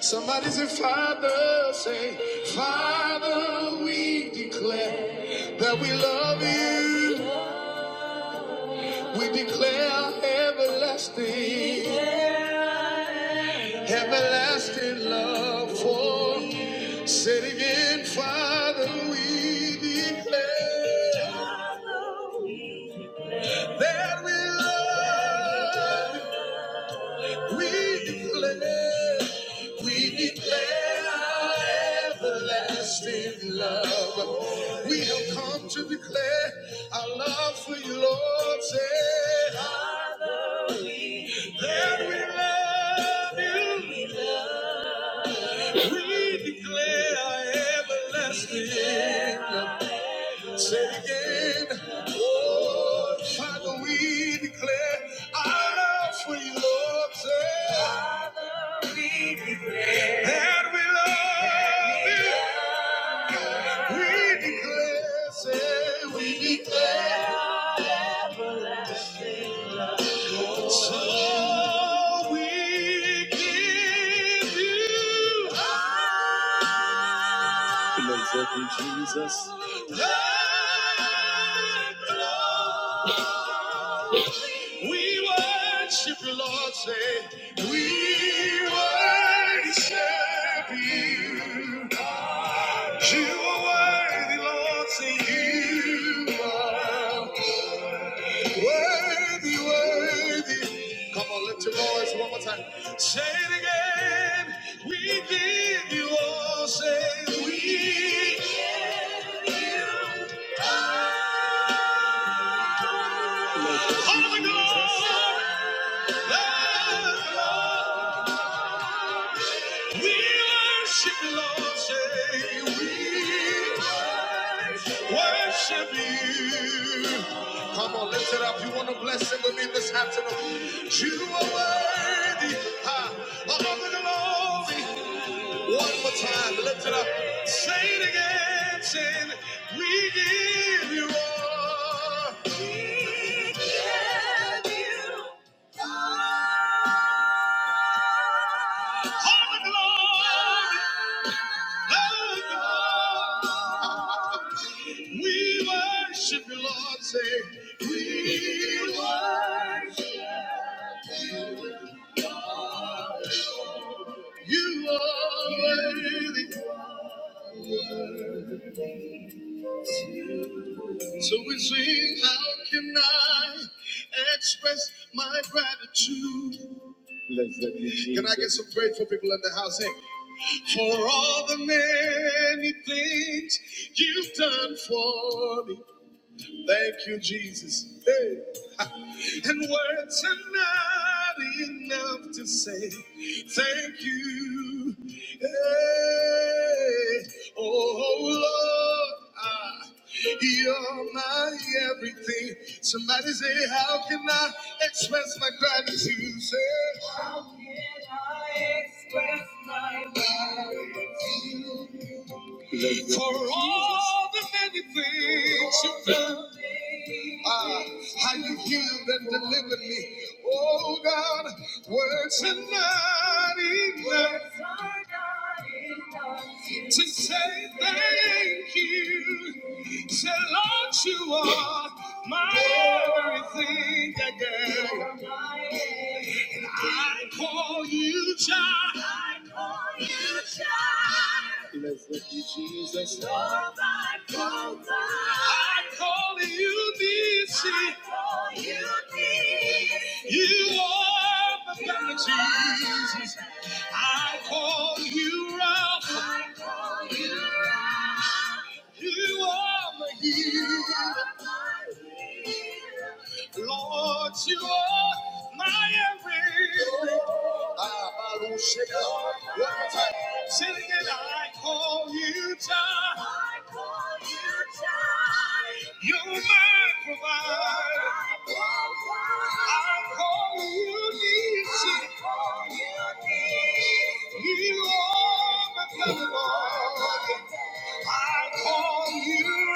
Somebody say, Father, say, Father, we declare that we love you. We declare everlasting, everlasting love for you. Say it again, Father, we declare that we love you. We declare, we declare our everlasting love. We have come to declare our love for you, Lord. Say that we love you. We declare our everlasting love. Say it again. Oh, Father, we declare our love for you, Lord. Say. That we love you. We declare, say we declare. So we give you. We know exactly, Jesus. the glory. We worship you, Lord. Say, we worship you. You are worthy, Lord. Say, you are worthy, worthy. Come on, lift your voice one more time. Say it again. We give you all. Say, we. All the glory. We worship you, Lord, say we worship you. Come on, lift it up. You want to bless him with me this afternoon. You are worthy ah, of all the glory. One more time, lift it up. Say it again, say it. we give you all. We give you all the glory, all the glory. We worship you, Lord. Say, we worship you are worthy. So we sing, how can I express my gratitude? Bless them, Can I get Jesus. some praise for people in the house? Hey, for all the many things you've done for me. Thank you, Jesus. Hey. And words are not enough to say thank you. Hey. Oh, Lord, ah, you're my everything. Somebody say, How can I express my gratitude? Say, How can I express my gratitude? For all the many things you've done, ah, how you healed and delivered me. Oh God, words are not enough to say thank you. Say, Lord, you are my everything again. And I call you child. I call you child. Blessed be Jesus. Lord, I call, I call you Nisi. I call you Nisi. You are the blood of Jesus. I call you Ralph. I call you Ralph. You are my healer. Lord, you are my everything. Ah, Baruch Shema. One more time. Say it again. I call you Jah. I call you Jah. You're my provider. I call you Nissi. I call you Nissi. You are.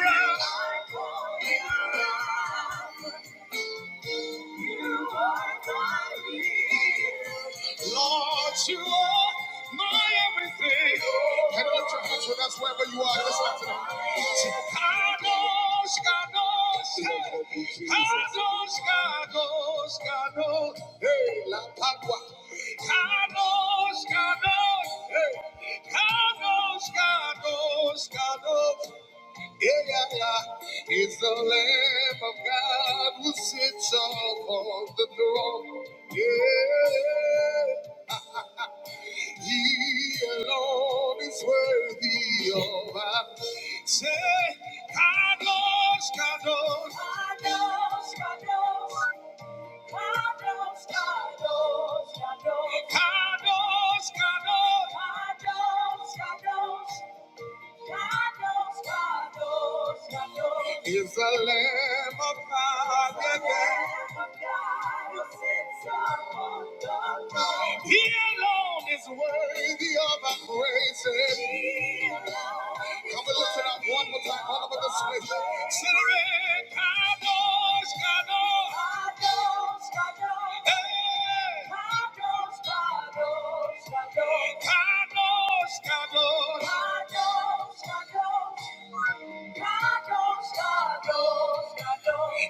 I call you out. You are my need. Lord, you are my everything. Can you lift your hands with us wherever you are? Just lift it up. Kadosh, Kadosh, hey. Kadosh, Kadosh, Kadosh, hey, La Patwa. Kadosh, Kadosh, hey. Kadosh, Kadosh, Kadosh, yeah, yeah, yeah. It's the Lamb of God who sits upon the throne. Yeah, He alone is worthy of our say. Carlos, Carlos, Carlos, Carlos, Carlos, Carlos, Carlos, Carlos, Carlos, Carlos, Carlos. Is the Lamb of God who sits again? He alone is worthy of our praises. Come and lift it up one more time, all over this way. Sinnering, Kadosh, Kadosh. Kadosh, Kadosh. Hey. Kadosh, Kadosh, Kadosh.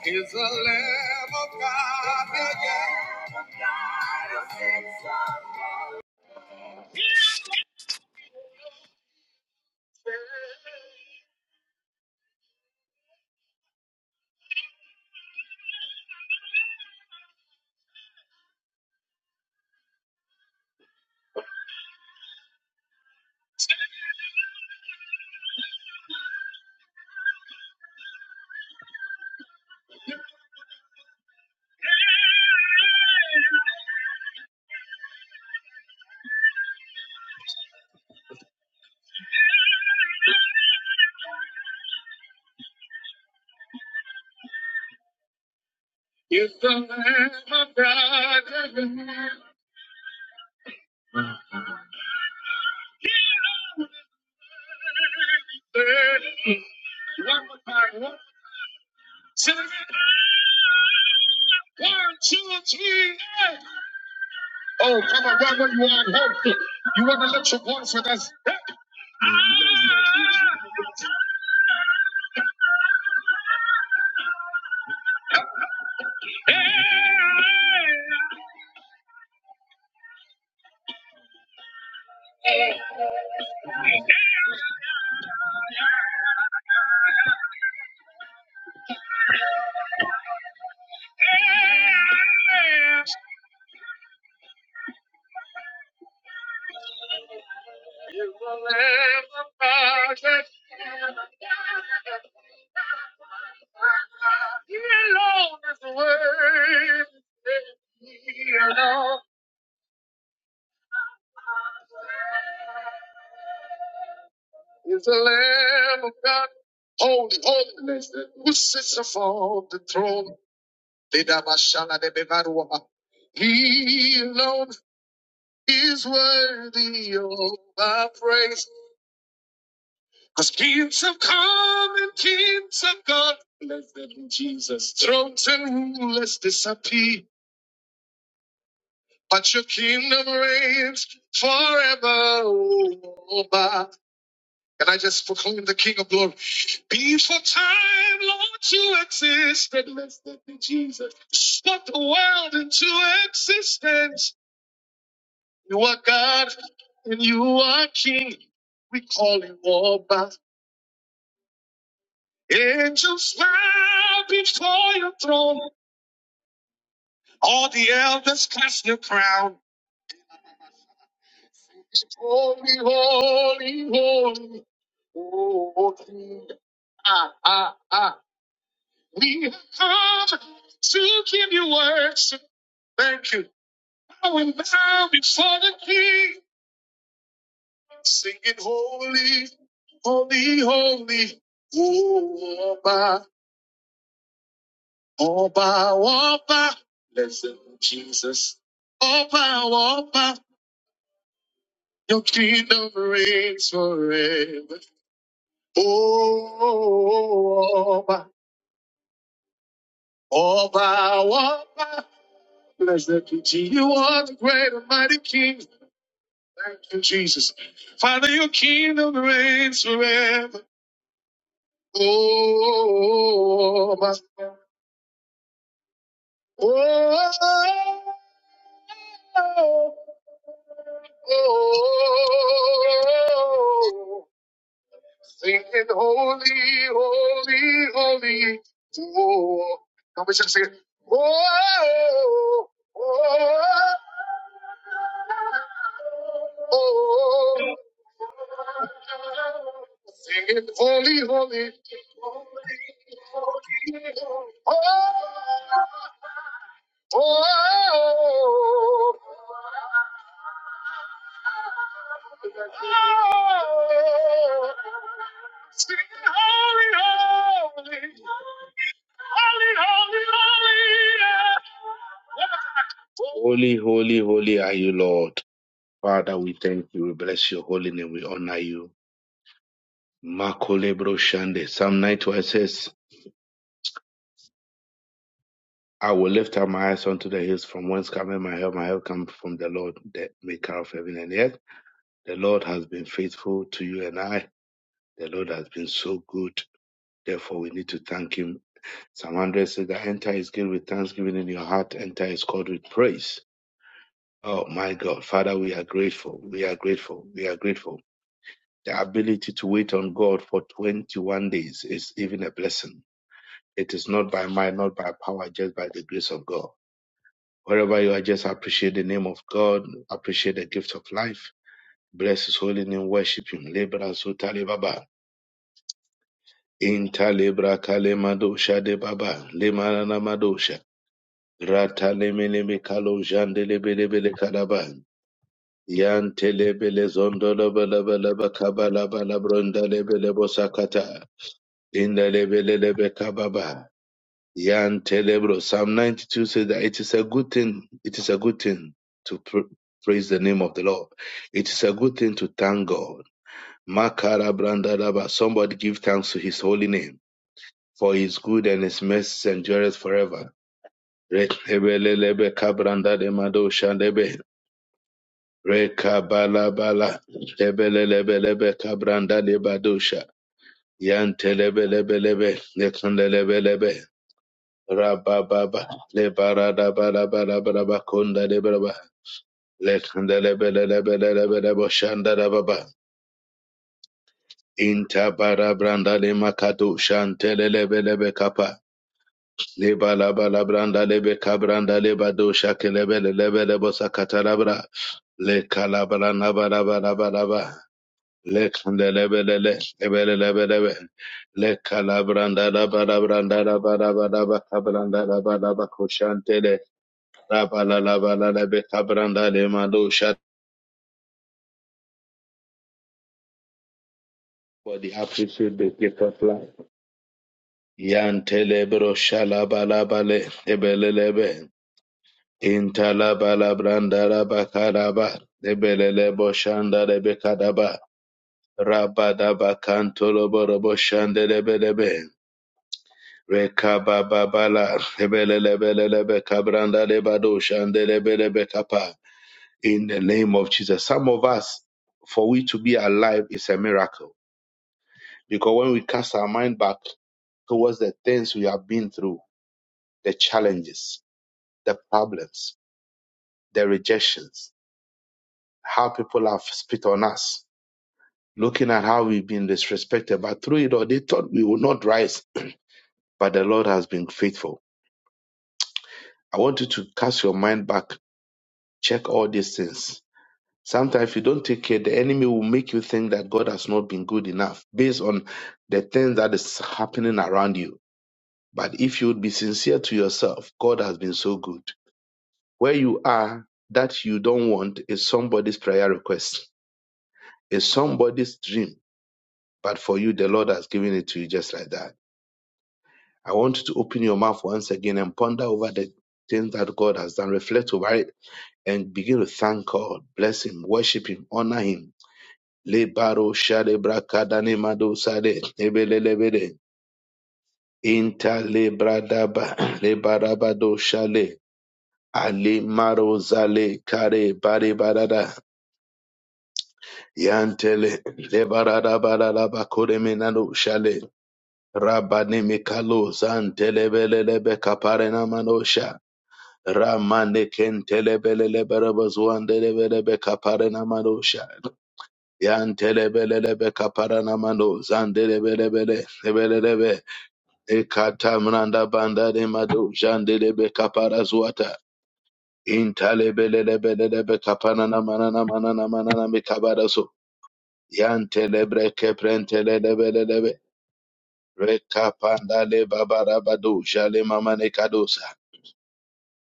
Is the Lamb of God again? Is the Lamb of God again? One more time. One, two, three. four, two, three, eight. Oh, come on, wherever you are, help. You want to lift your voice with us. Is the Lamb of God, holy, holiness, who sits upon the throne. He alone is worthy of our praise. Cause kings have come and kings have gone. Bless them, in Jesus. Thrones and rulers disappear. But your kingdom reigns forever. oh, my. And I just proclaim the King of Glory. Before time, Lord, you existed. Blessed be Jesus. Spoke the world into existence. You are God and you are King. We call you all by angels bow before your throne. All the elders cast their crown. Holy, holy, holy. holy, King. Ah, ah, ah. We have come to give you worship. Thank you. I will bow before the King. Singing holy, holy, holy. Ooh, Oba, Oba, Oba. Listen, Jesus. Oba, Oba. Your kingdom reigns forever. Oh, Oba, Oba, Oba. Blessed be Jesus. You are the great and mighty King. Thank you, Jesus. Father, your kingdom reigns forever. Oh, Oba. Oh, oh, oh, singing holy, holy, holy. Oh, come on, sing it. Oh, oh, oh, singing holy, holy. Oh, oh, Oh, singing holy, holy, holy, holy, holy. Holy, holy, holy are you, Lord. Father, we thank you. We bless your holy name. We honor you. Makolebro Shande. Psalm 91 says, I will lift up my eyes unto the hills from whence cometh my help. My help comes from the Lord, the maker of heaven and earth. The Lord has been faithful to you and I. The Lord has been so good. Therefore, we need to thank him. Psalm 100 says that enter his gate with thanksgiving in your heart, enter his court with praise. Oh my God, Father, we are grateful. We are grateful. We are grateful. The ability to wait on God for 21 days is even a blessing. It is not by might, not by power, just by the grace of God. Wherever you are, just appreciate the name of God, appreciate the gift of life. Bless his holy name, worship him. Lebra Sutali Baba. Inta Lebra Kale Madosha De Baba. Lemanana Madosha. Ratalemele kalo jandele bele bele kalaba. Yantele bele zondolo bele bele bakabala bala brondale bele bosakata. Indale bele lebe kababa. Yantele bro. Psalm 92 says that it is a good thing. It is a good thing to pr- praise the name of the Lord. It is a good thing to thank God. Makara brandalaba. Somebody give thanks to his holy name. For his good and his mercy endureth forever. Rekebelelebe kabranda de mado shandebe. Rekabalabala. Tebelelebelebe kabranda de badosha. Yantelebelebelebe. Nekandelebelebe. Rabababa. Lebaradabalabalaba konda de braba. Lekandelebelebelebe shanda da baba. Intabara branda de makado shantelebelebe kapa. Leba laba labranda lebe kabranda leba dosha kelebe lebe lebo sakata labra le kalabra naba laba laba laba le kande lebe lele lebe lebe lebe le kalabranda laba labranda laba laba laba kabranda laba laba koshantele laba la laba la lebe kabranda le madosha for the appreciate the gift of life. Yantele bro shalaba laba le lebe lebe Intalabalabrandalabakadaba, Lebeleleboshandalebekadaba, Rabadabakantoloborobosandelebelebe, Rekabababala, Lebelelebelebekabrandalebadoshandelebelebekapa. In the name of Jesus. Some of us, for we to be alive is a miracle. Because when we cast our mind back towards the things we have been through, the challenges, the problems, the rejections, how people have spit on us, looking at how we've been disrespected. But through it all, they thought we would not rise. But the Lord has been faithful. I want you to cast your mind back, check all these things. Sometimes if you don't take care, the enemy will make you think that God has not been good enough based on the things that is happening around you. But if you would be sincere to yourself, God has been so good. Where you are, that you don't want is somebody's prayer request, is somebody's dream. But for you, the Lord has given it to you just like that. I want you to open your mouth once again and ponder over the things that God has done. Reflect over it and begin to thank God, bless Him, worship Him, honor Him. Le shade brakada mado sade ebelelebede inta le bradaba shale ali maro zale kare bare barada yantele le barada bakore menado shale rabane mikalo zantele belelebe kapare na manosha Ramane kentelebelele barabazuandelebelebe kaparana manosha. Yantelebelelebe kaparana mano zandelebelebele ebelelebe. Ekatamranda banda de mado jandelebe kapara zuata. Intalebelelebelelebe kaparana manana manana manana mikabaraso. Yantelebre keprentelebelelebe. Rekapanda le babarabado jale mamane kadosa.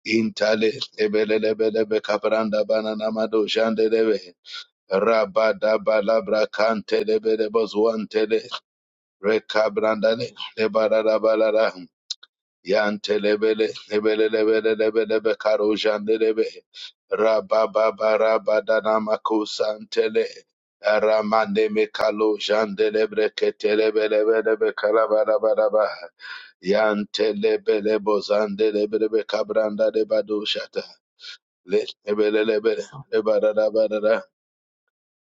Intale lebelebelebe kabranda banana mado shandelebe rabada balabra kante lebelebo zuantele rekabranda le lebarara balara yante lebele lebelebelebelebe karo jandelebe rababa barabada namakusantele Ramande mekalo jandelebre ketelebelebelebe kalabarabaraba yantele bele bozande lebrebe kabranda lebado shata Le- lebe- le- lebe- leba- da- da- ba- da- da.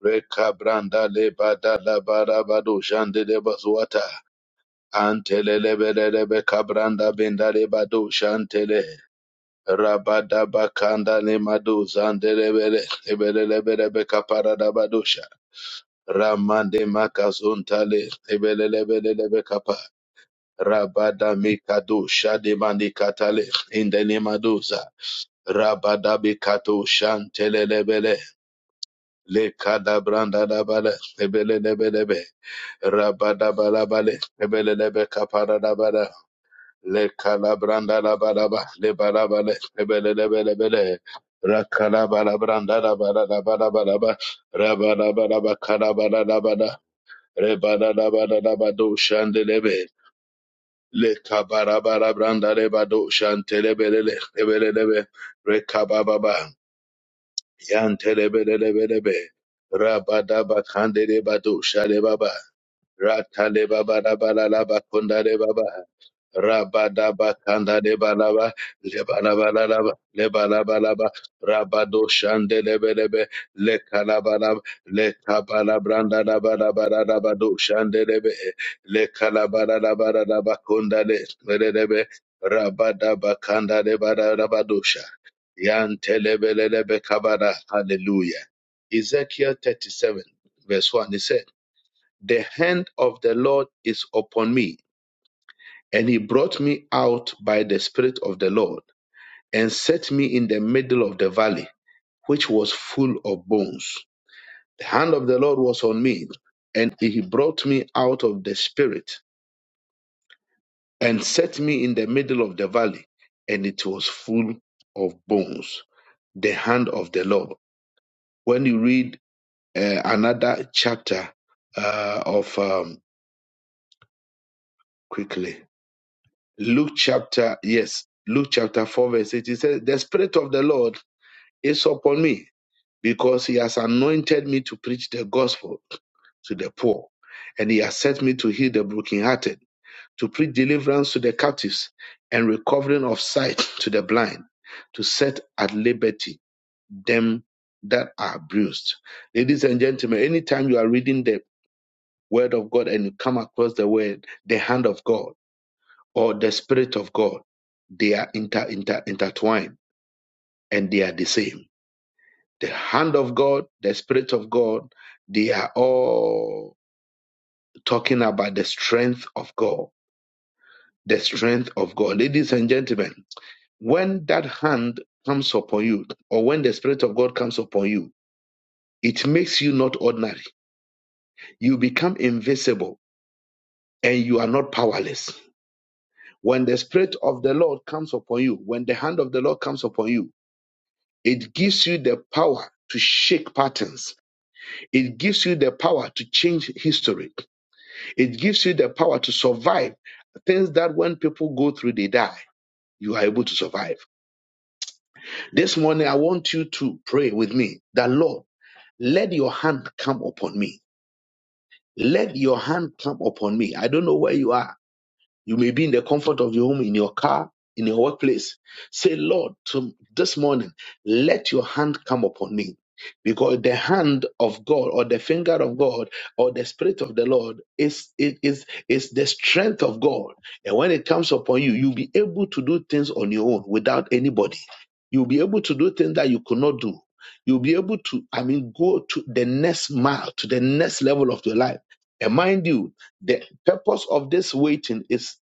Reka branda leba- da- la- ba- da- ba- do. Shande leba zuata. Ante le- lebe- le- lebe kabranda benda leba do. Shante le. Raba- da- ba- kanda lema do. Zande lebe- le- lebe- le- lebe- lebe kapara da ba Ramande makazuntale. le. Lebe- le- lebe- le- lebe kapa. Rabada mikado shade mani katale in the name of those, uh, Rabada bikato shantele lebele le kada branda da bala ebele lebe lebe raba da bala bale ebele lebe kapara da bala le kala branda da bala ba le bala bale ebele lebe lebe le rakala bala branda da bala da bala bala ba raba da bala ba kala bala da bala re bala da bala da ba do shande lebe le kabara bara branda le ba do shante lebe le le ebele lebe re kaba ba Yantelebelebelebe. Rabadaba Kandere Bado Shale Baba. Ratale baba baba laba konda de baba. Rabada bakanda de balaba. Lebalabalaba. Lebalabalaba. Rabado shande lebelebe. Le kalabalab. Le kabalabranda la laba laba do shande lebe. Le kalabala laba laba konda de lebelebe. Rabada bakanda de balaba dosha. Yante lebelebe kabala. Hallelujah. Ezekiel 37 verse 1 it says the hand of the Lord is upon me, and he brought me out by the Spirit of the Lord, and set me in the middle of the valley, which was full of bones. The hand of the Lord was on me, and he brought me out of the Spirit, and set me in the middle of the valley, and it was full of bones. The hand of the Lord. When you read uh, another chapter uh, of um, quickly Luke chapter, yes, Luke chapter 4, verse 8. It says, The Spirit of the Lord is upon me because he has anointed me to preach the gospel to the poor, and he has sent me to heal the brokenhearted, to preach deliverance to the captives, and recovering of sight to the blind, to set at liberty them that are bruised. Ladies and gentlemen, anytime you are reading the Word of God and you come across the word, the hand of God or the Spirit of God, they are inter, inter, intertwined and they are the same. The hand of God, the Spirit of God, they are all talking about the strength of God. The strength of God. Ladies and gentlemen, when that hand comes upon you, or when the Spirit of God comes upon you, it makes you not ordinary. You become invisible and you are not powerless. When the Spirit of the Lord comes upon you, when the hand of the Lord comes upon you, It gives you the power to shake patterns. It gives you the power to change history. It gives you the power to survive things that when people go through, they die. You are able to survive. This morning, I want you to pray with me that, Lord, let your hand come upon me. Let your hand come upon me. I don't know where you are. You may be in the comfort of your home, in your car, in your workplace. Say, Lord, to this morning, let your hand come upon me. Because the hand of God or the finger of God or the spirit of the Lord is, is, is, is the strength of God. And when it comes upon you, you'll be able to do things on your own without anybody. You'll be able to do things that you could not do. You'll be able to, I mean, go to the next mile, to the next level of your life. And mind you, the purpose of this waiting is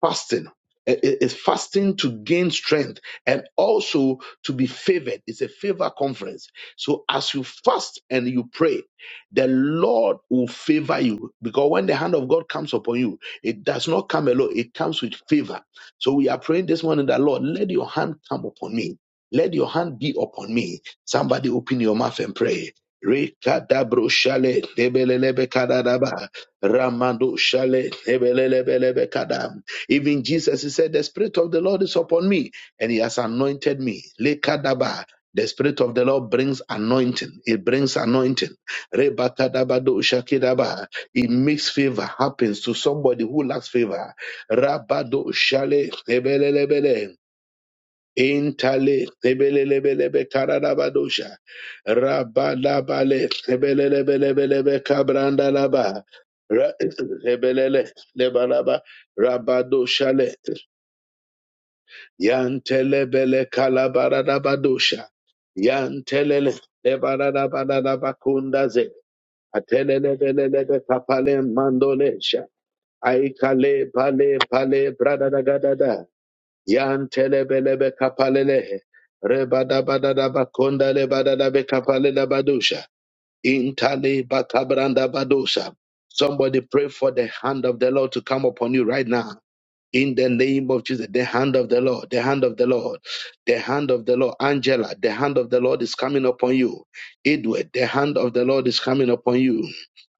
fasting. I- i- It's fasting to gain strength and also to be favored. It's a favor conference. So as you fast and you pray, the Lord will favor you because when the hand of God comes upon you, it does not come alone. It comes with favor. So we are praying this morning that Lord, let your hand come upon me. Let your hand be upon me. Somebody open your mouth and pray. Rekadabro shale debelelebe kadadaba. Ramando shale debelelebelebe kadam. Even Jesus, he said, The Spirit of the Lord is upon me, and he has anointed me. Lekadaba. The Spirit of the Lord brings anointing. It brings anointing. Rebakadabado shakidaba. It makes favor happens to somebody who lacks favor. Rabado shale. ebelelebele. Intale lebele lebele be karada badosha rabada bale lebele lebelelebelebe karadabadosha rabalabale lebelelebelebelebe kabrandalaba Ra- lebelele lebalaba rabadoshale yantelebele kalabaradabadosha yantelele lebaradabadadabakundaze atelelebelelebe kapale mandolesha aikale pale pale brada da yantelebelebe kapalelehe rebadabadadaba kondalebadadabe kapalelebadusha intale bakabranda badusha somebody pray for the hand of the lord to come upon you right now in the name of Jesus, the hand of the Lord, the hand of the Lord, the hand of the Lord. Angela, the hand of the Lord is coming upon you. Edward, the hand of the Lord is coming upon you.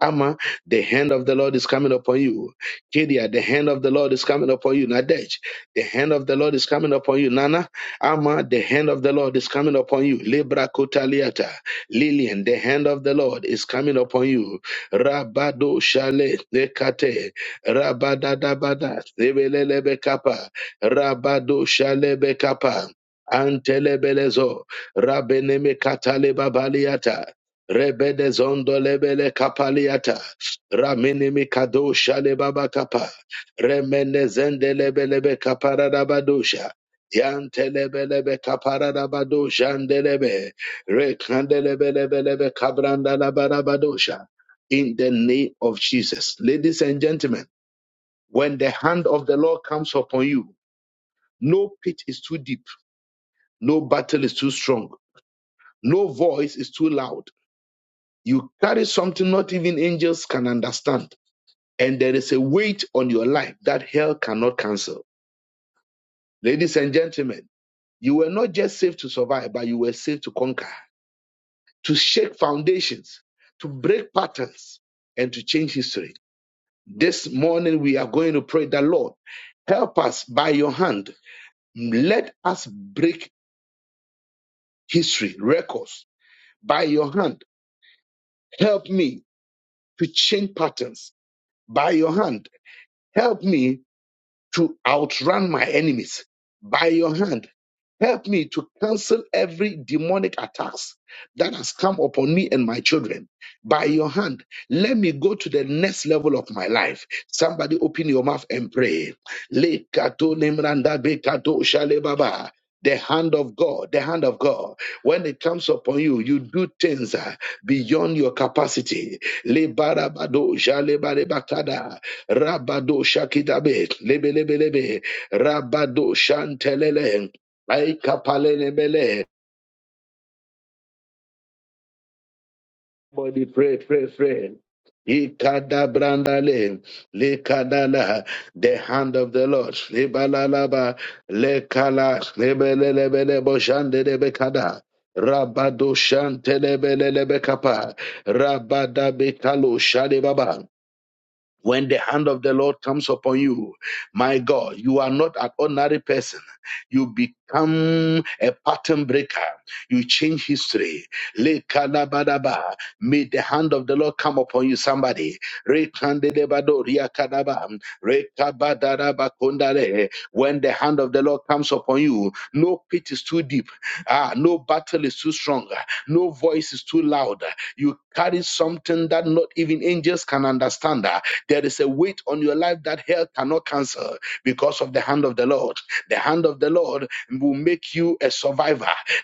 Amma, the hand of the Lord is coming upon you. Kedia, the hand of the Lord is coming upon you. Nadej, the hand of the Lord is coming upon you. Nana, Amma, the hand of the Lord is coming upon you. Libra Kotaliata, Lillian, the hand of the Lord is coming upon you. Rabado Shale, Lekate, Rabadadabada, Sebelelebekapa, Rabado Shalebekapa, Antelebelezo, Rabeneme Katalebabaliata, Rebedezondo Lebele Kapaliata, Raminimi Kado Shalebabakapa, Remenezende Lebelebe Kaparadabadosha, Yantelebelebe Kaparadabadosha, Andelebe, Rekandelebelebelebe Kabrandalabarabadosha. In the name of Jesus. Ladies and gentlemen, when the hand of the Lord comes upon you, no pit is too deep, no battle is too strong, no voice is too loud. You carry something not even angels can understand, and there is a weight on your life that hell cannot cancel. Ladies and gentlemen, you were not just saved to survive, but you were saved to conquer, to shake foundations, to break patterns, and to change history. This morning, we are going to pray that Lord, help us by your hand. Let us break history, records by your hand. Help me to change patterns by your hand. Help me to outrun my enemies by your hand. Help me to cancel every demonic attacks that has come upon me and my children. By your hand, let me go to the next level of my life. Somebody open your mouth and pray. Lekato nemranda bekato shalebaba. The hand of God, the hand of God. When it comes upon you, you do things uh, beyond your capacity. Lebarabado shalebarebakada. Rabado shakidabe, lebelebelebe, rabado shantelele, aikapalelebele. Body pray, pray, pray. Ikada brandale, lekadala, the hand of the Lord, lebalalaba, lekala, lebelebele, boshandelebekada. Rabado shantelebelelebe kapa. rabada bekalo shadebaba. when the hand of the Lord comes upon you, my God, you are not an ordinary person. You become a pattern breaker. You change history. Lekanabadaba. May the hand of the Lord come upon you, somebody. Rekandedebado riakadaba. Rekabadadabakondare. When the hand of the Lord comes upon you, no pit is too deep. Ah, no battle is too strong. ah, No voice is too loud. ah. You carry something that not even angels can understand. Ah, There is a weight on your life that hell cannot cancel because of the hand of the Lord. The hand of the Lord will make you a survivor.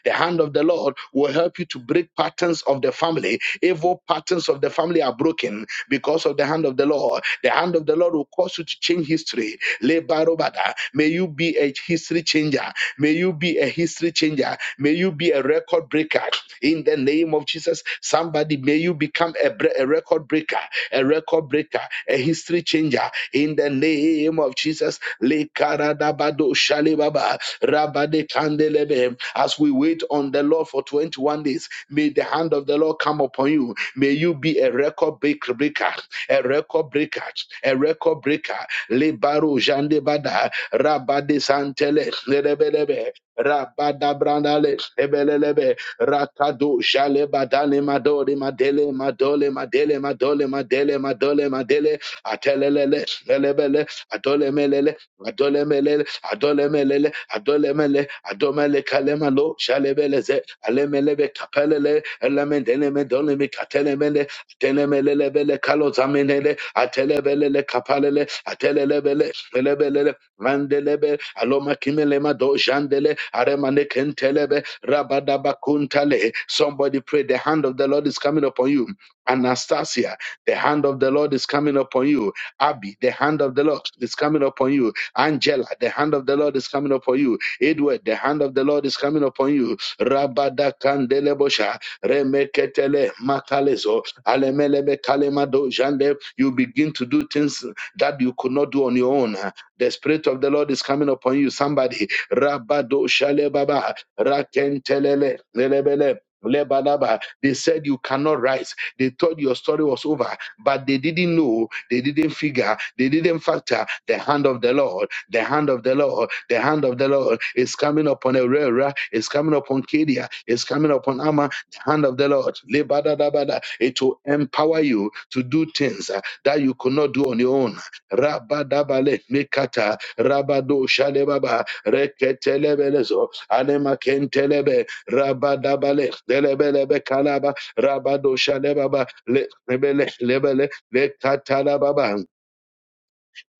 The hand of the Lord will help you to break patterns of the family. Evil patterns of the family are broken because of the hand of the Lord. The hand of the Lord will cause you to change history. Lebarobada. May you be a history changer. May you be a history changer. May you be a record breaker. In the name of Jesus, somebody, may you become a, bre- a record breaker, a record breaker, a history changer. In the name of Jesus, Lekaradabado Shalebaba, Rabade Kandelebe. as we wait on the Lord for 21 days, may the hand of the Lord come upon you. May you be a record breaker, a record breaker, a record breaker. Le baro jande bada rabade santele, lebelebe, rabada brandale, lebelebe, rakado jalebadale madole madele madole madele madole madele madole madele atelelele, lebele, adole melele, adole melele, adole melele, adole mele, adome le kalemalo, jalebeleze, alemelebe kapelele, element element only me katelemele telemelelebele kalozamenele atelebelele kapalele atelelebele elebelele mandelebe aloma kimelema dojandele aremane kentelebe rabadabakuntale somebody pray the hand of the Lord is coming upon you Anastasia, the hand of the Lord is coming upon you. Abby, the hand of the Lord is coming upon you. Angela, the hand of the Lord is coming upon you. Edward, the hand of the Lord is coming upon you. Rabada Remeketele makalezo alemelebe kalemado jande. You begin to do things that you could not do on your own. The spirit of the Lord is coming upon you. Somebody rabado shale baba rakentelele lelebele. Lebalaba. They said you cannot rise. They thought your story was over, but they didn't know, they didn't figure, they didn't factor the hand of the Lord, the hand of the Lord, the hand of the Lord is coming upon Herrera, is coming upon Kedia, is coming upon Ama, hand of the Lord, Lebadadabada, it will empower you to do things uh, that you could not do on your own. Rabadabale mekata, rabado shalebaba, reketelebelezo, anemakentelebe, rabadabale, delebelebe kalaba, rabado shalebaba, le- lebele, lebele, lekatalababa.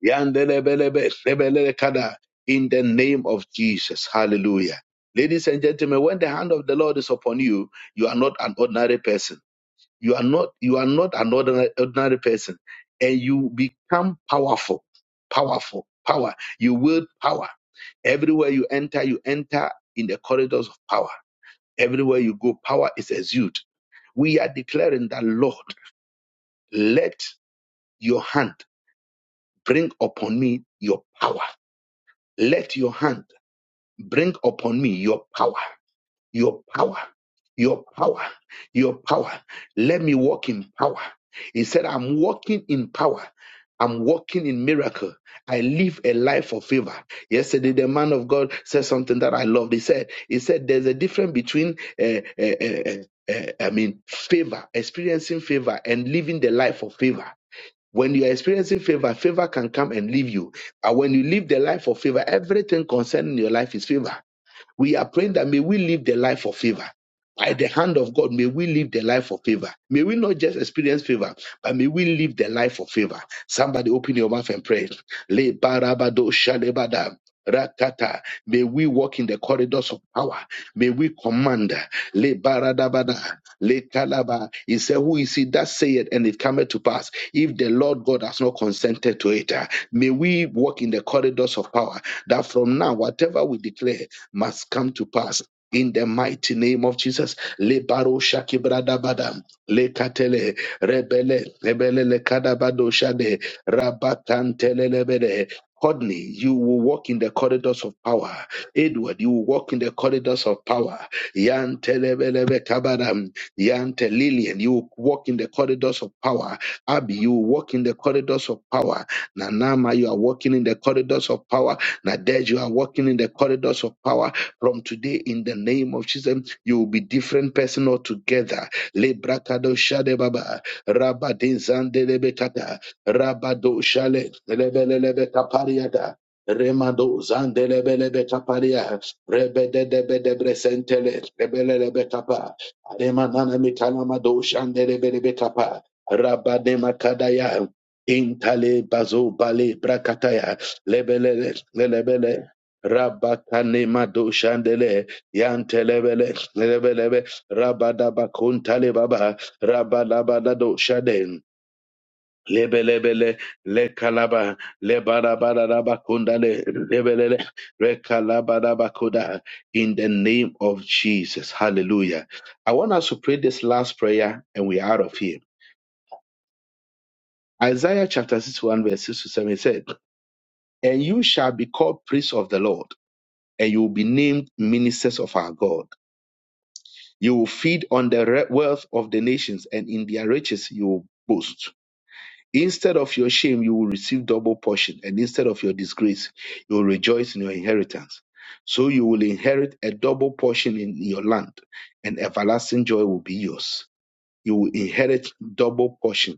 Yandelebelebe, sebelelekada, In the name of Jesus. Hallelujah. Ladies and gentlemen, when the hand of the Lord is upon you, you are not an ordinary person. You are not, you are not an ordinary, ordinary person. And you become powerful. Powerful. Power. You wield power. Everywhere you enter, you enter in the corridors of power. Everywhere you go, power is exuded. We are declaring that, Lord, let your hand bring upon me your power. Let your hand bring upon me your power, your power, your power, your power. Let me walk in power. He said, I'm walking in power. I'm walking in miracle. I live a life of favor. Yesterday, the man of God said something that I loved. He said, he said, there's a difference between, uh, uh, uh, uh, uh, I mean, favor, experiencing favor and living the life of favor. When you are experiencing favor, favor can come and leave you. But when you live the life of favor, everything concerning your life is favor. We are praying that may we live the life of favor. By the hand of God, may we live the life of favor. May we not just experience favor, but may we live the life of favor. Somebody open your mouth and pray. Le barabado shalebada. May we walk in the corridors of power. May we command. Le baradabada, le kalaba. He said, Who is he that saith and it cometh to pass if the Lord God has not consented to it? uh, May we walk in the corridors of power that from now, whatever we declare must come to pass. In the mighty name of Jesus, le baro shakibradabada, le katele rebele rebele le kadabado shade rabakantele Courtney, you will walk in the corridors of power. Edward, you will walk in the corridors of power. Yan Telebelebe Kabaram, Yan Telilian, you will walk in the corridors of power. Abby, you will walk in the corridors of power. Nanama, you are walking in the corridors of power. Nadej, you are walking in the corridors of power. From today, in the name of Jesus, you will be different person altogether. Lebrakado Shadebaba, Rabadin Zandelebekata. Rabado shale Lebelebe Capariata, Remado Zandelebelebe Caparia, Rebede de Bedebresentele, Lebelebe Capa, Ademanana Mitalamado Shandelebelebe Capa, Rabade Macadaya, Intale Bazo Bale Bracataya, Lebele, Lebele. Rabakane Mado Shandele, Yantelebele, Lebelebe, Rabadabakuntale Baba, Rabadabadado Shaden, lebelebele le lebarabaraba kundale lebelele rekalabaraba kuda in the name of Jesus. Hallelujah. I want us to pray this last prayer and we are out of here. Isaiah chapter 61 verse 6 to 7 it said, And you shall be called priests of the Lord, and you will be named ministers of our God. You will feed on the re- wealth of the nations, and in their riches you will boast. Instead of your shame, you will receive double portion, and instead of your disgrace, you will rejoice in your inheritance. So you will inherit a double portion in your land, and everlasting joy will be yours. You will inherit double portion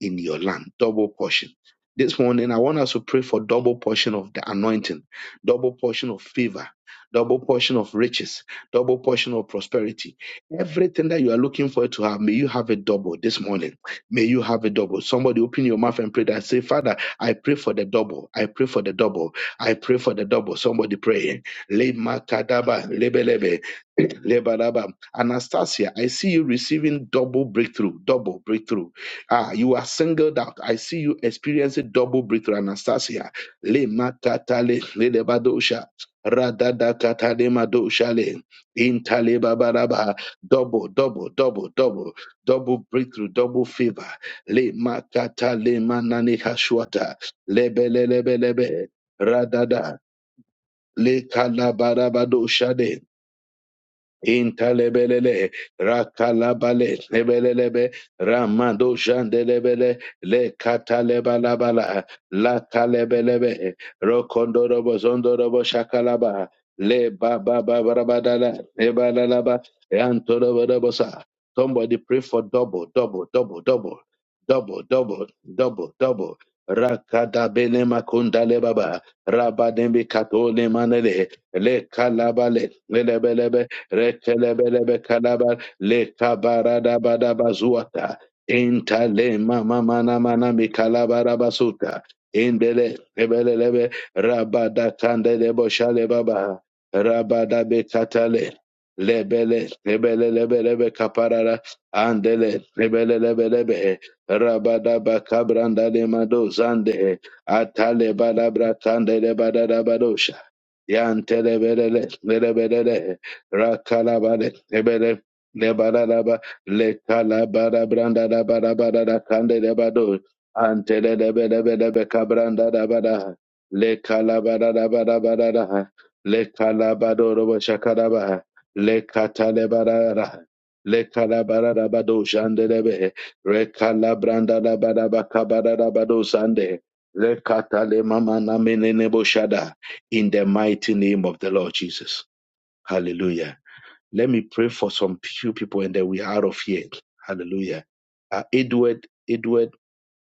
in your land. Double portion. This morning, I want us to pray for double portion of the anointing, double portion of favor, double portion of riches, double portion of prosperity. Everything that you are looking for to have, may you have a double this morning. May you have a double. Somebody open your mouth and pray that. Say, Father, I pray for the double. I pray for the double. I pray for the double. Somebody pray. Lema kadaba, lebelebe, lebaraba. Anastasia, I see you receiving double breakthrough, double breakthrough Ah, you are singled out. I see you experiencing double breakthrough, Anastasia. Le makatale le lebadosha. Radada katale madoshale. Intale babaraba. Double, double, double, double. Double breakthrough, double favor. Le makatale manane kashwata. Lebe lebe lebe. Radada. Le kalabarabadosha Intalebelele, Rakalabale, Nebelelebe, Ramado Jandelebele, Le Catalebalabala, La Calebelebe, Rocondorobo Zondorobo Shakalaba, Le Baba Barabadala, Ebalalaba, Antorobosa. Somebody pray for double, double, double, double, double, double, double, double. Rakada bene makunda le baba, rabademi katole manele, le kalabale, retelebelebe kadabar lekabarabadabazuata intale mama mana mana mikalabarabasuta indele ebelelebe rabada kandele boshale baba rabada bekatale lebele lebelelebelebe kaparara andele lebelelebelebe rabada bakabranda de mado zande atale balabra kandele badada badosha yantelebelele lebelele Rakalabade, Ebele, Nebaraba, Lekalabara Branda Dabara Barada Kande Debado, Antele Debedebe Cabranda Dabada, Lekalabara Dabada Barada, Lekalabado Robo Shakaraba, Lekatale Barada. Lekalabara Dabado Shandelebe, Rekalabranda Dabada Bakabara Dabado Sande, Lekatale Mama na menene boshada. in the mighty name of the Lord Jesus. Hallelujah. Let me pray for some few people and then we're out of here. Hallelujah. Uh, Edward, Edward,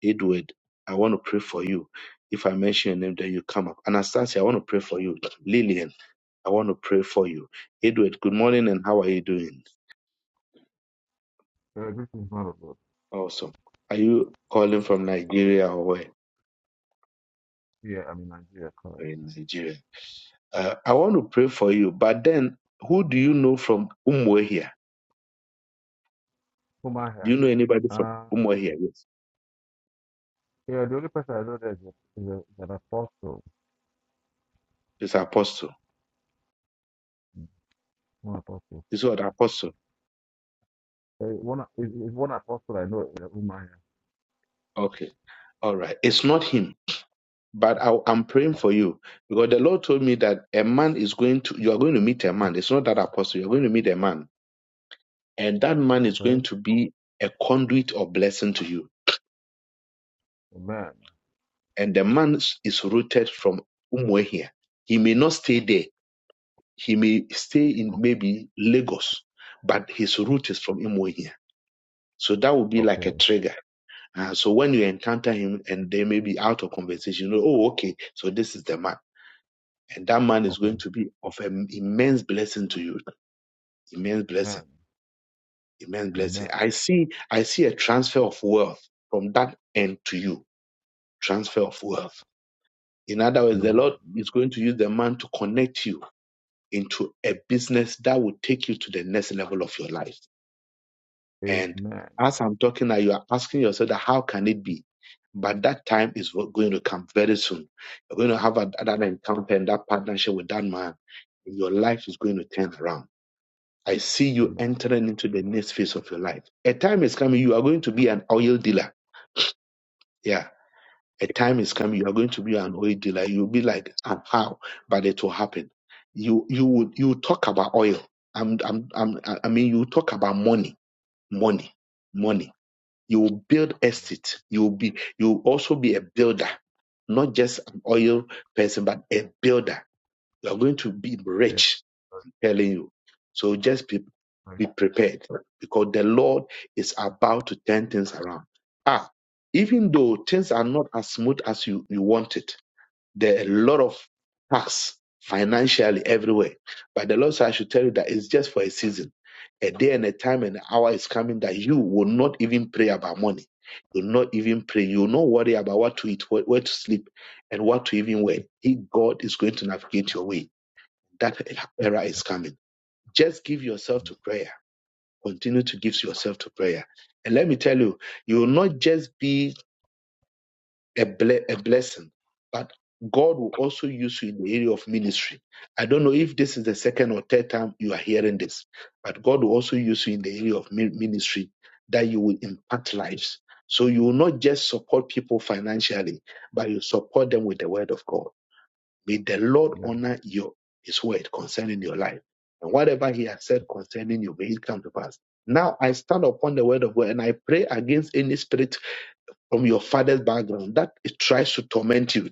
Edward, I want to pray for you. If I mention your name, then you come up. Anastasia, I want to pray for you. Lillian, I want to pray for you. Edward, good morning and how are you doing? Uh, this is not a lot. Awesome. Are you calling from Nigeria or where? Yeah, I'm in Nigeria currently. In Nigeria. Uh, I want to pray for you, but then who do you know from Umwe here? Whom I Do have. you know anybody from Uh, Umwe here? Yes. yeah, the only person I know there is, a, is, a, is an apostle. It's Apostle. Mm, One apostle. It's what Apostle. Uh, one a- is, is one apostle I know uh, whom I Okay. All right. It's not him, but I, I'm praying have. for you because the Lord told me that a man is going to, you are going to meet a man. It's not that apostle. You're going to meet a man, and that man is going Okay. to be a conduit of blessing to you. Amen. And the man is is rooted from Umwe here. He may not stay there. He may stay in O- maybe Lagos, but his root is from Umwe here. So that would be like Okay. a trigger. Uh, so when you encounter him and they may be out of conversation, you know, oh, okay, so this is the man. And that man is Okay. going to be of an immense blessing to you. Immense Amen. blessing. Immense blessing. Amen. I see, I see a transfer of wealth from that end to you. Transfer of wealth. In other words, the Amen. Lord is going to use the man to connect you into a business that will take you to the next level of your life. And Amen. as I'm talking now, you are asking yourself that how can it be? But that time is going to come very soon. You're going to have a- that encounter and that partnership with that man. Your life is going to turn around I see you Amen. entering into the next phase of your life. A time is coming, you are going to be an oil dealer. Yeah. A time is coming, you are going to be an oil dealer. You'll be like, and how? But it will happen. You you would you talk about oil. I'm, I'm, I'm, I I mean, you talk about money, money, money. You will build estate. You will be you will also be a builder, not just an oil person, but a builder. You are going to be Yeah. rich, telling you. So just be right, Be prepared because the Lord is about to turn things around. Ah, even though things are not as smooth as you, you want it, there are a lot of tasks financially everywhere. But the Lord said, I should tell you that it's just for a season. A day and a time and an hour is coming that you will not even pray about money. You'll not even pray. You'll not worry about what to eat, wh- where to sleep, and what to even wear. He, God is going to navigate your way. That era is coming. Just give yourself to prayer Continue to give yourself to prayer. And let me tell you, you will not just be a, ble- a blessing, but God will also use you in the area of ministry. I don't know if this is the second or third time you are hearing this, but God will also use you in the area of mi- ministry that you will impact lives. So you will not just support people financially, but you support them with the word of God. May the Lord Yeah. honor your his word concerning your life. And whatever he has said concerning you, may it come to pass. Now I stand upon the word of God and I pray against any spirit from your father's background that it tries to torment you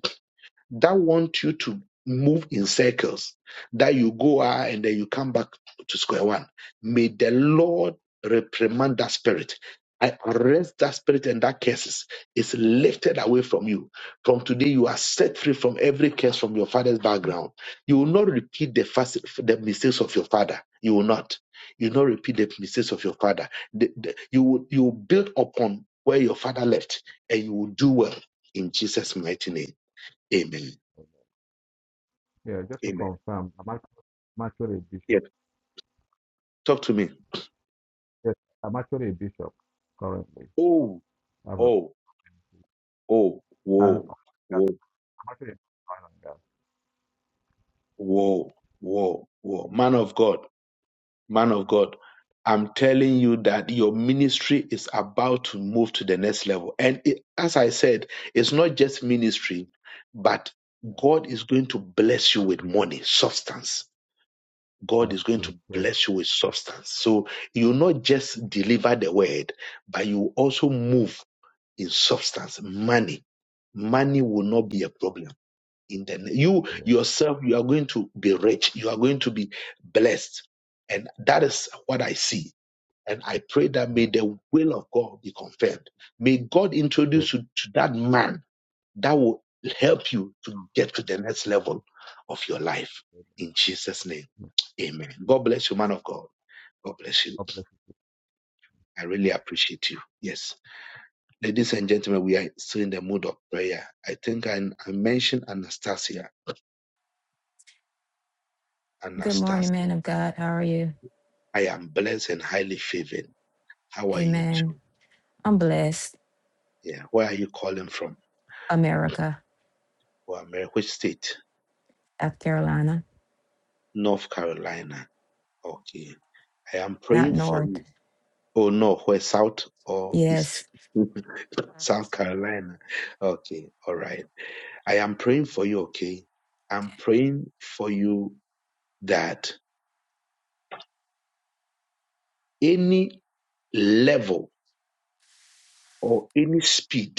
that want you to move in circles, that you go out and then you come back to square one. May the Lord reprimand that spirit. I arrest that spirit and that curses is lifted away from you. From today, you are set free from every curse from your father's background. You will not repeat the fast, the mistakes of your father. You will not. You will not repeat the mistakes of your father. The- the- you will you will build upon where your father left, and you will do well in Jesus' mighty name. Amen. Yeah. Just to Amen. confirm, I'm act- I'm actually a Yes. bishop. Talk to me. Yes, I'm actually a bishop currently. Oh, I have a, oh, oh, and whoa, whoa, I'm actually a bishop. whoa, whoa, whoa. Man of God, man of God, I'm telling you that your ministry is about to move to the next level. And it, as I said, it's not just ministry, but God is going to bless you with money, substance. God That's is going true. to Yes, bless you with substance. So you not just deliver the word, but you also move in substance, money, money will not be a problem. In the you yes, yourself, you are going to be rich. You are going to be blessed, and that is what I see. And I pray that may yes. the will of God be confirmed. May God introduce Yes, you to that man that will help you to get to the next level of your life. yes, In Jesus' name, yes. Amen. God bless you, man of God. God bless you. God bless I really appreciate you. Yes. Ladies and gentlemen, we are still in the mood of prayer. I think I, I mentioned Anastasia. Good morning, Anastasia, man of God. How are you? I am blessed and highly favored. How are you too? Amen. I'm blessed. Yeah. Where are you calling from? America, Well, Mary, which state? South Carolina, North Carolina. Okay. I am not praying for North. you. Oh no, where south or Yes. east? South Carolina. Okay. All right. I am praying for you. Okay. I'm Okay. praying for you that any level or any speed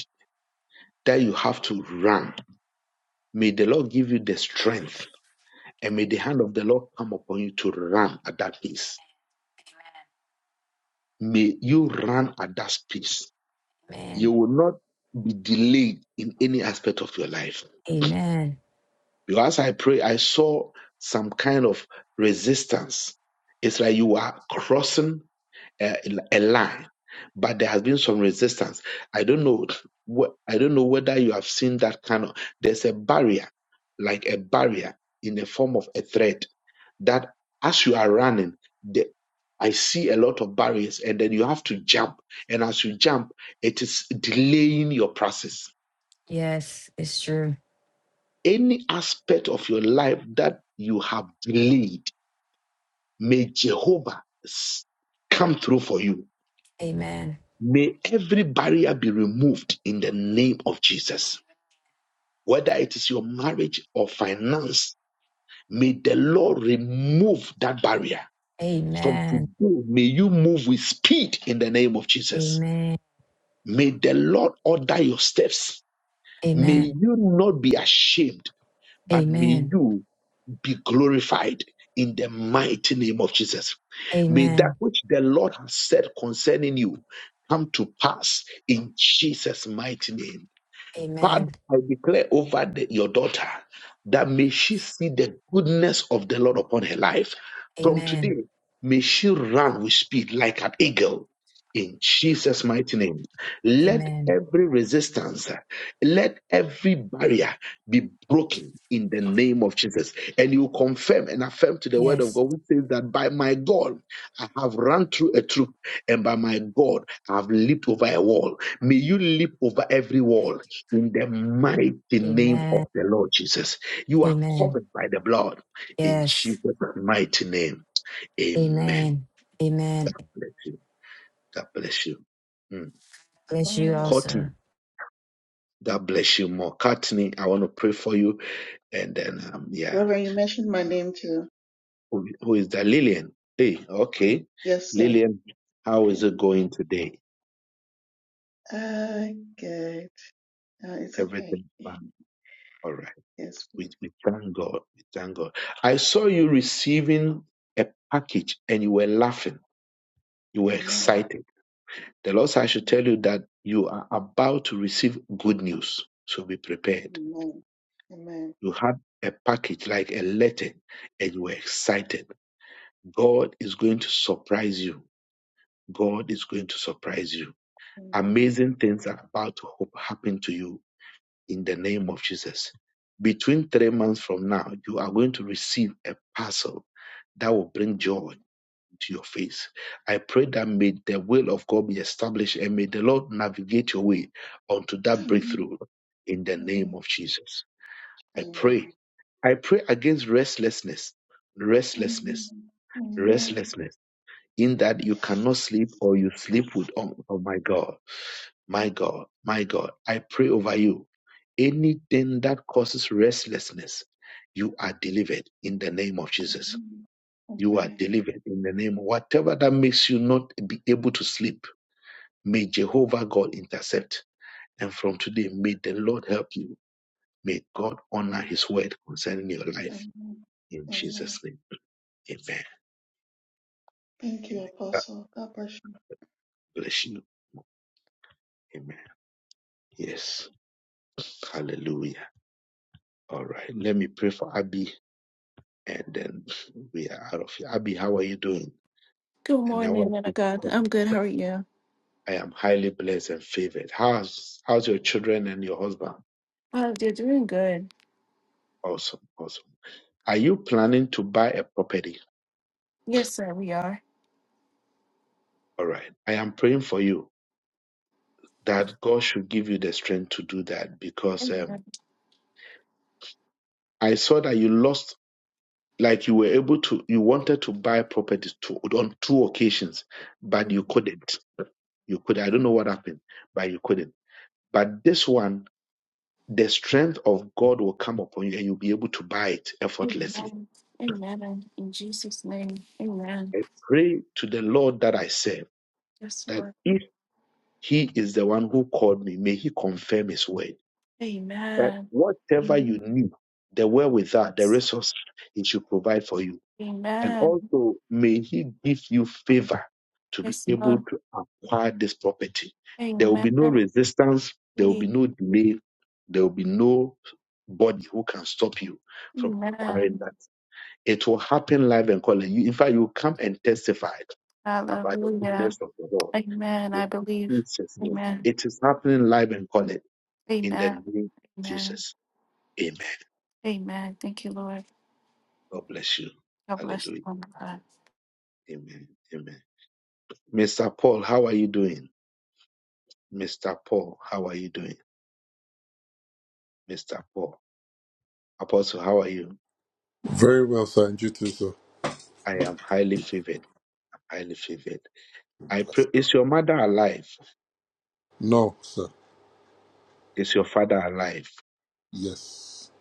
that you have to run. May the Lord give you the strength and may the hand of the Lord come upon you to run at that pace. May you run at that pace. You Amen. Amen. will not be delayed in any aspect of your life. Amen. Because I pray, I saw some kind of resistance. It's like you are crossing a, a lie, but there has been some resistance. I don't know. wh- I don't know whether you have seen that kind of. There's a barrier, like a barrier in the form of a thread that, as you are running, the, I see a lot of barriers, and then you have to jump. And as you jump, it is delaying your process. Yes, it's true. Any aspect of your life that you have delayed, may Jehovah s- come through for you Amen. May every barrier be removed in the name of Jesus. Whether it is your marriage or finance, may the Lord remove that barrier. From Amen. today, may you move with speed in the name of Jesus. Amen. May the Lord order your steps. May Amen. you not be ashamed, but may Amen. you be glorified in the mighty name of Jesus. May that Amen. which the Lord has said concerning you come to pass in Jesus' mighty name. Father, Amen. I declare over the- your daughter that may she Yes. see the goodness of the Lord upon her life. From today, Amen. may she run with speed like an eagle. In Jesus' mighty name, let Amen. every resistance, let every barrier be broken in the name of Jesus. And you confirm and affirm to the word of Yes. God, which says that by my God, I have run through a troop, and by my God, I have leaped over a wall. May you leap over every wall in the mighty name Amen. of the Lord Jesus. You are Amen. covered by the blood in Jesus' Yes. mighty name. Amen. Amen. Amen. God bless you. God bless you. Mm. Bless you Reverend, Courtney, also. God bless you more. Courtney, I want to pray for you. And then, um, yeah, Reverend, you mentioned my name too. who, who is that? Lillian. Hey, okay. Yes, sir. Lillian, how is it going today? Ah, good. Uh, it's okay. Everything fine. All right. Yes, We, please. we thank God. We thank God. I saw you receiving a package and you were laughing. You were Amen. excited The Lord said, I should tell you that you are about to receive good news. So be prepared. Amen. Amen. You had a package like a letter and you were excited. God is going to surprise you. God is going to surprise you. Amen. Amazing things are about to happen to you in the name of Jesus. Between three months from now, you are going to receive a parcel that will bring joy Amen. to your face. I pray that may the will of God be established and may the Lord navigate your way onto that breakthrough in the name Amen. of Jesus. I pray. Amen. I pray against restlessness, Amen. restlessness, Amen. Amen. restlessness, in that you cannot sleep or you sleep with, oh, oh my God, my God, my God. I pray over you. Anything that causes restlessness, you are delivered in the name of Jesus you are Amen. delivered in the name. Whatever that makes you not be able to sleep, may Jehovah God intercept. And from today, may the Lord help you. May God honor his word concerning your life. Amen. In Amen. Jesus' name. Amen. Thank you, Amen. God Apostle. God bless you. bless you. Amen. Yes. Hallelujah. All right. Let me pray for Abby and then we are out of here. Abby, how are you doing? Good And I morning, want Nana you to God. come. I'm good. How are you? I am highly blessed and favored. How's how's your children and your husband? Oh, we're doing good. Awesome. Awesome. Are you planning to buy a property? Yes, sir, we are. All right. I am praying for you that God should give you the strength to do that because Amen. um, I saw that you lost, like you were able to, you wanted to buy properties to, on two occasions, but you couldn't. You could. I don't know what happened, but you couldn't. But this one, the strength of God will come upon you and you'll be able to buy it effortlessly. Amen. Amen. In Jesus' name. Amen. I pray to the Lord that I serve Yes, that Lord. if He is the one who called me. May He confirm His word that Amen. whatever you Amen. need, the wherewithal, the resource, He should provide for you. And Amen. also, may He give you favor to be Yes, able Lord. to acquire this property. There will be Amen. no resistance, there will be no delay, there will be no body who can stop you from acquiring Amen. that. It will happen live and calling you. In fact, you come and testify about the Hallelujah. goodness of the Lord Amen. in I believe. Jesus' name. Amen. It is happening live and call in the Amen. name of Amen. Jesus. Amen. Amen. Thank you, Lord. God bless you. God bless you, Hallelujah. Lord. Amen. Amen. Mr. Paul, how are you doing? Mr. Paul, how are you doing? Mr. Paul. Apostle, how are you? Very well, sir. And you too, sir. I am highly favored. Highly favored. I pray is your mother alive? No, sir. Is your father alive? Yes.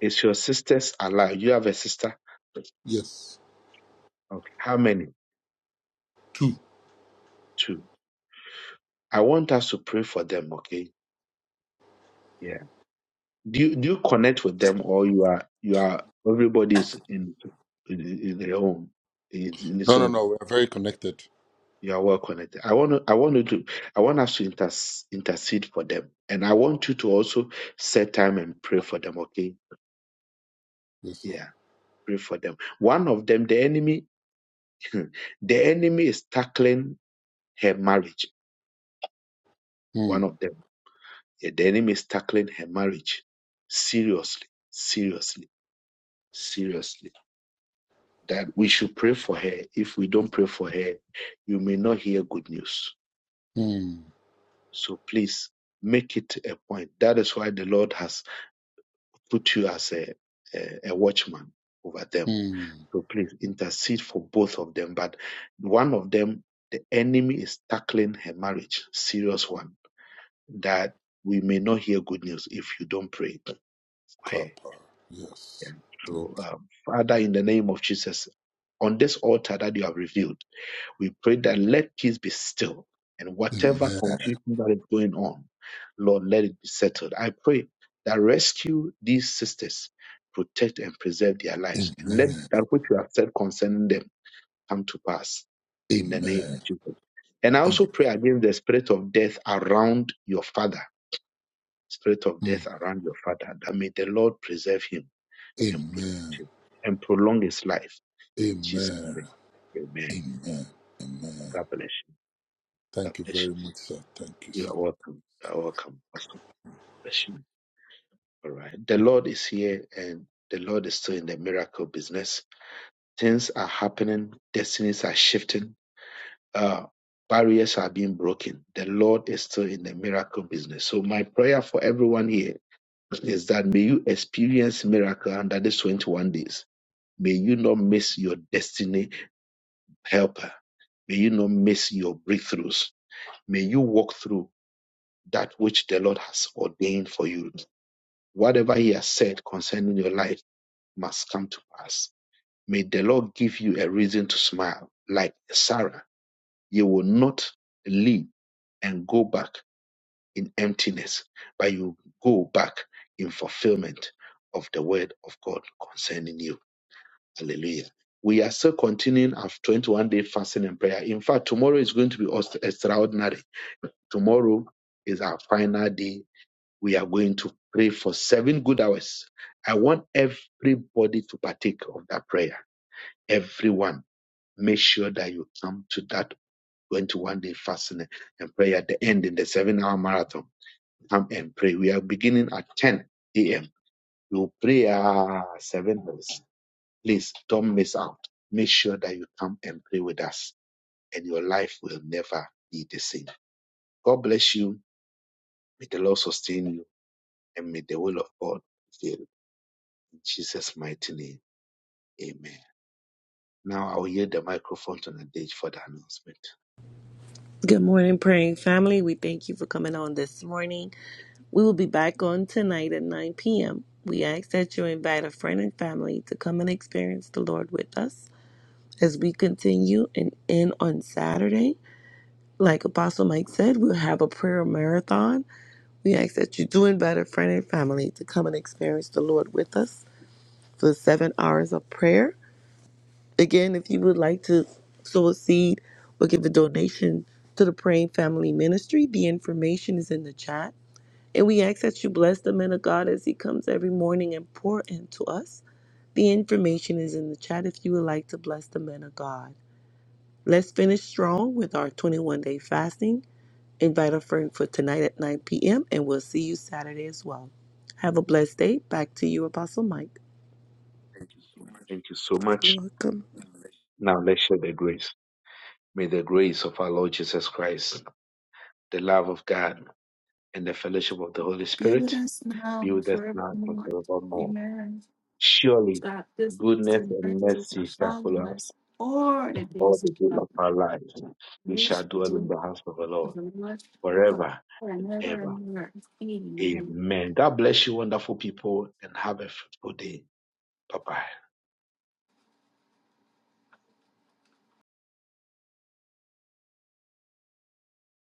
Is your sisters alive? You have a sister? Yes. Okay. How many? Two. Two. I want us to pray for them, okay? do you do you connect with them or you are you are everybody's in in, in their own in, in its No, no, own no. We're very connected. you are well connected i want to i want you to i want us to inter, intercede for them and i want you to also set time and pray for them okay Yes, sir. yeah pray for them one of them the enemy the enemy is tackling her marriage Hmm. one of them yeah, the enemy is tackling her marriage seriously seriously seriously that we should pray for her. If we don't pray for her, you may not hear good news. Hmm. So please make it a point. That is why the Lord has put you as a, a, a watchman over them. Hmm. So please intercede for both of them. But one of them, the enemy is tackling her marriage, serious one, that we may not hear good news if you don't pray for her. Kappa. Yeah. Yes. Thank So, um, Father, in the name of Jesus, on this altar that you have revealed. We pray that let peace be still. And you. whatever Amen. confusion that is going on, Lord, let it be settled. I pray that rescue these sisters, protect and preserve their lives, and let Amen. that which you have said concerning them come to pass in the name Amen. of Jesus. And I Amen. also pray against the spirit of death around your father, spirit of death Amen. around your father, that may the Lord preserve him and protect Amen. him and prolong his life in Jesus' Amen. name. Amen. Amen. Amen. God bless you. God Thank you bless you. very much, sir. Thank you, You sir. are welcome. You are welcome, Pastor. Bless you. All right. The Lord is here and the Lord is still in the miracle business. Things are happening, destinies are shifting, uh, barriers are being broken. The Lord is still in the miracle business. So, my prayer for everyone here is that may you experience miracle under these 21 days. May you not miss your destiny helper. May you not miss your breakthroughs. May you walk through that which the Lord has ordained for you Whatever he has said concerning your life must come to pass. May the Lord give you a reason to smile. Like Sarah, you will not leave and go back in emptiness, but you go back in fulfillment of the word of God concerning you. Hallelujah. We are still continuing our 21 day fasting and prayer. In fact, tomorrow is going to be extraordinary tomorrow is our final day we are going to pray for seven good hours. I want everybody to partake of that prayer. Everyone, make sure that you come to that 21 day fasting and prayer at the end in the seven hour marathon. Come and pray. We are beginning at 10 a.m. We will pray ah, seven hours. Please don't miss out. Make sure that you come and pray with us, and your life will never be the same. God bless you. May the Lord sustain you, and may the will of God fail. In Jesus' mighty name. Amen. Now I'll yield the microphone to Nadej for the announcement. Good morning, praying family. We thank you for coming on this morning. We will be back on tonight at 9 p.m. We ask that you invite a friend and family to come and experience the Lord with us as we continue and end on Saturday. Like Apostle Mike said, we'll have a prayer marathon. We ask that you do invite a friend and family to come and experience the Lord with us for seven hours of prayer. Again, if you would like to sow a seed or give a donation to the Praying Family Ministry, the information is in the chat. And we ask that you bless the man of God as he comes every morning and pour into us. The information is in the chat if you would like to bless the man of God. Let's finish strong with our 21 day fasting. Invite a friend for tonight at 9 p.m. and we'll see you Saturday as well. Have a blessed day. Back to you, Apostle Mike. Thank you so You're much. welcome. Now let's share the grace. May the grace of our Lord Jesus Christ, the love of God, and the fellowship of the Holy Be with Spirit us now be and with us now and forevermore. forevermore. Amen. Surely God, this next goodness and verses are mercy shall following follow us us. All the all days the days of of our our lives. We shall nation, dwell in do the house of the to Lord the Lord forever forever and and ever ever. and ever. Amen. Amen. God bless you, wonderful people, and have a fruitful day. Bye bye.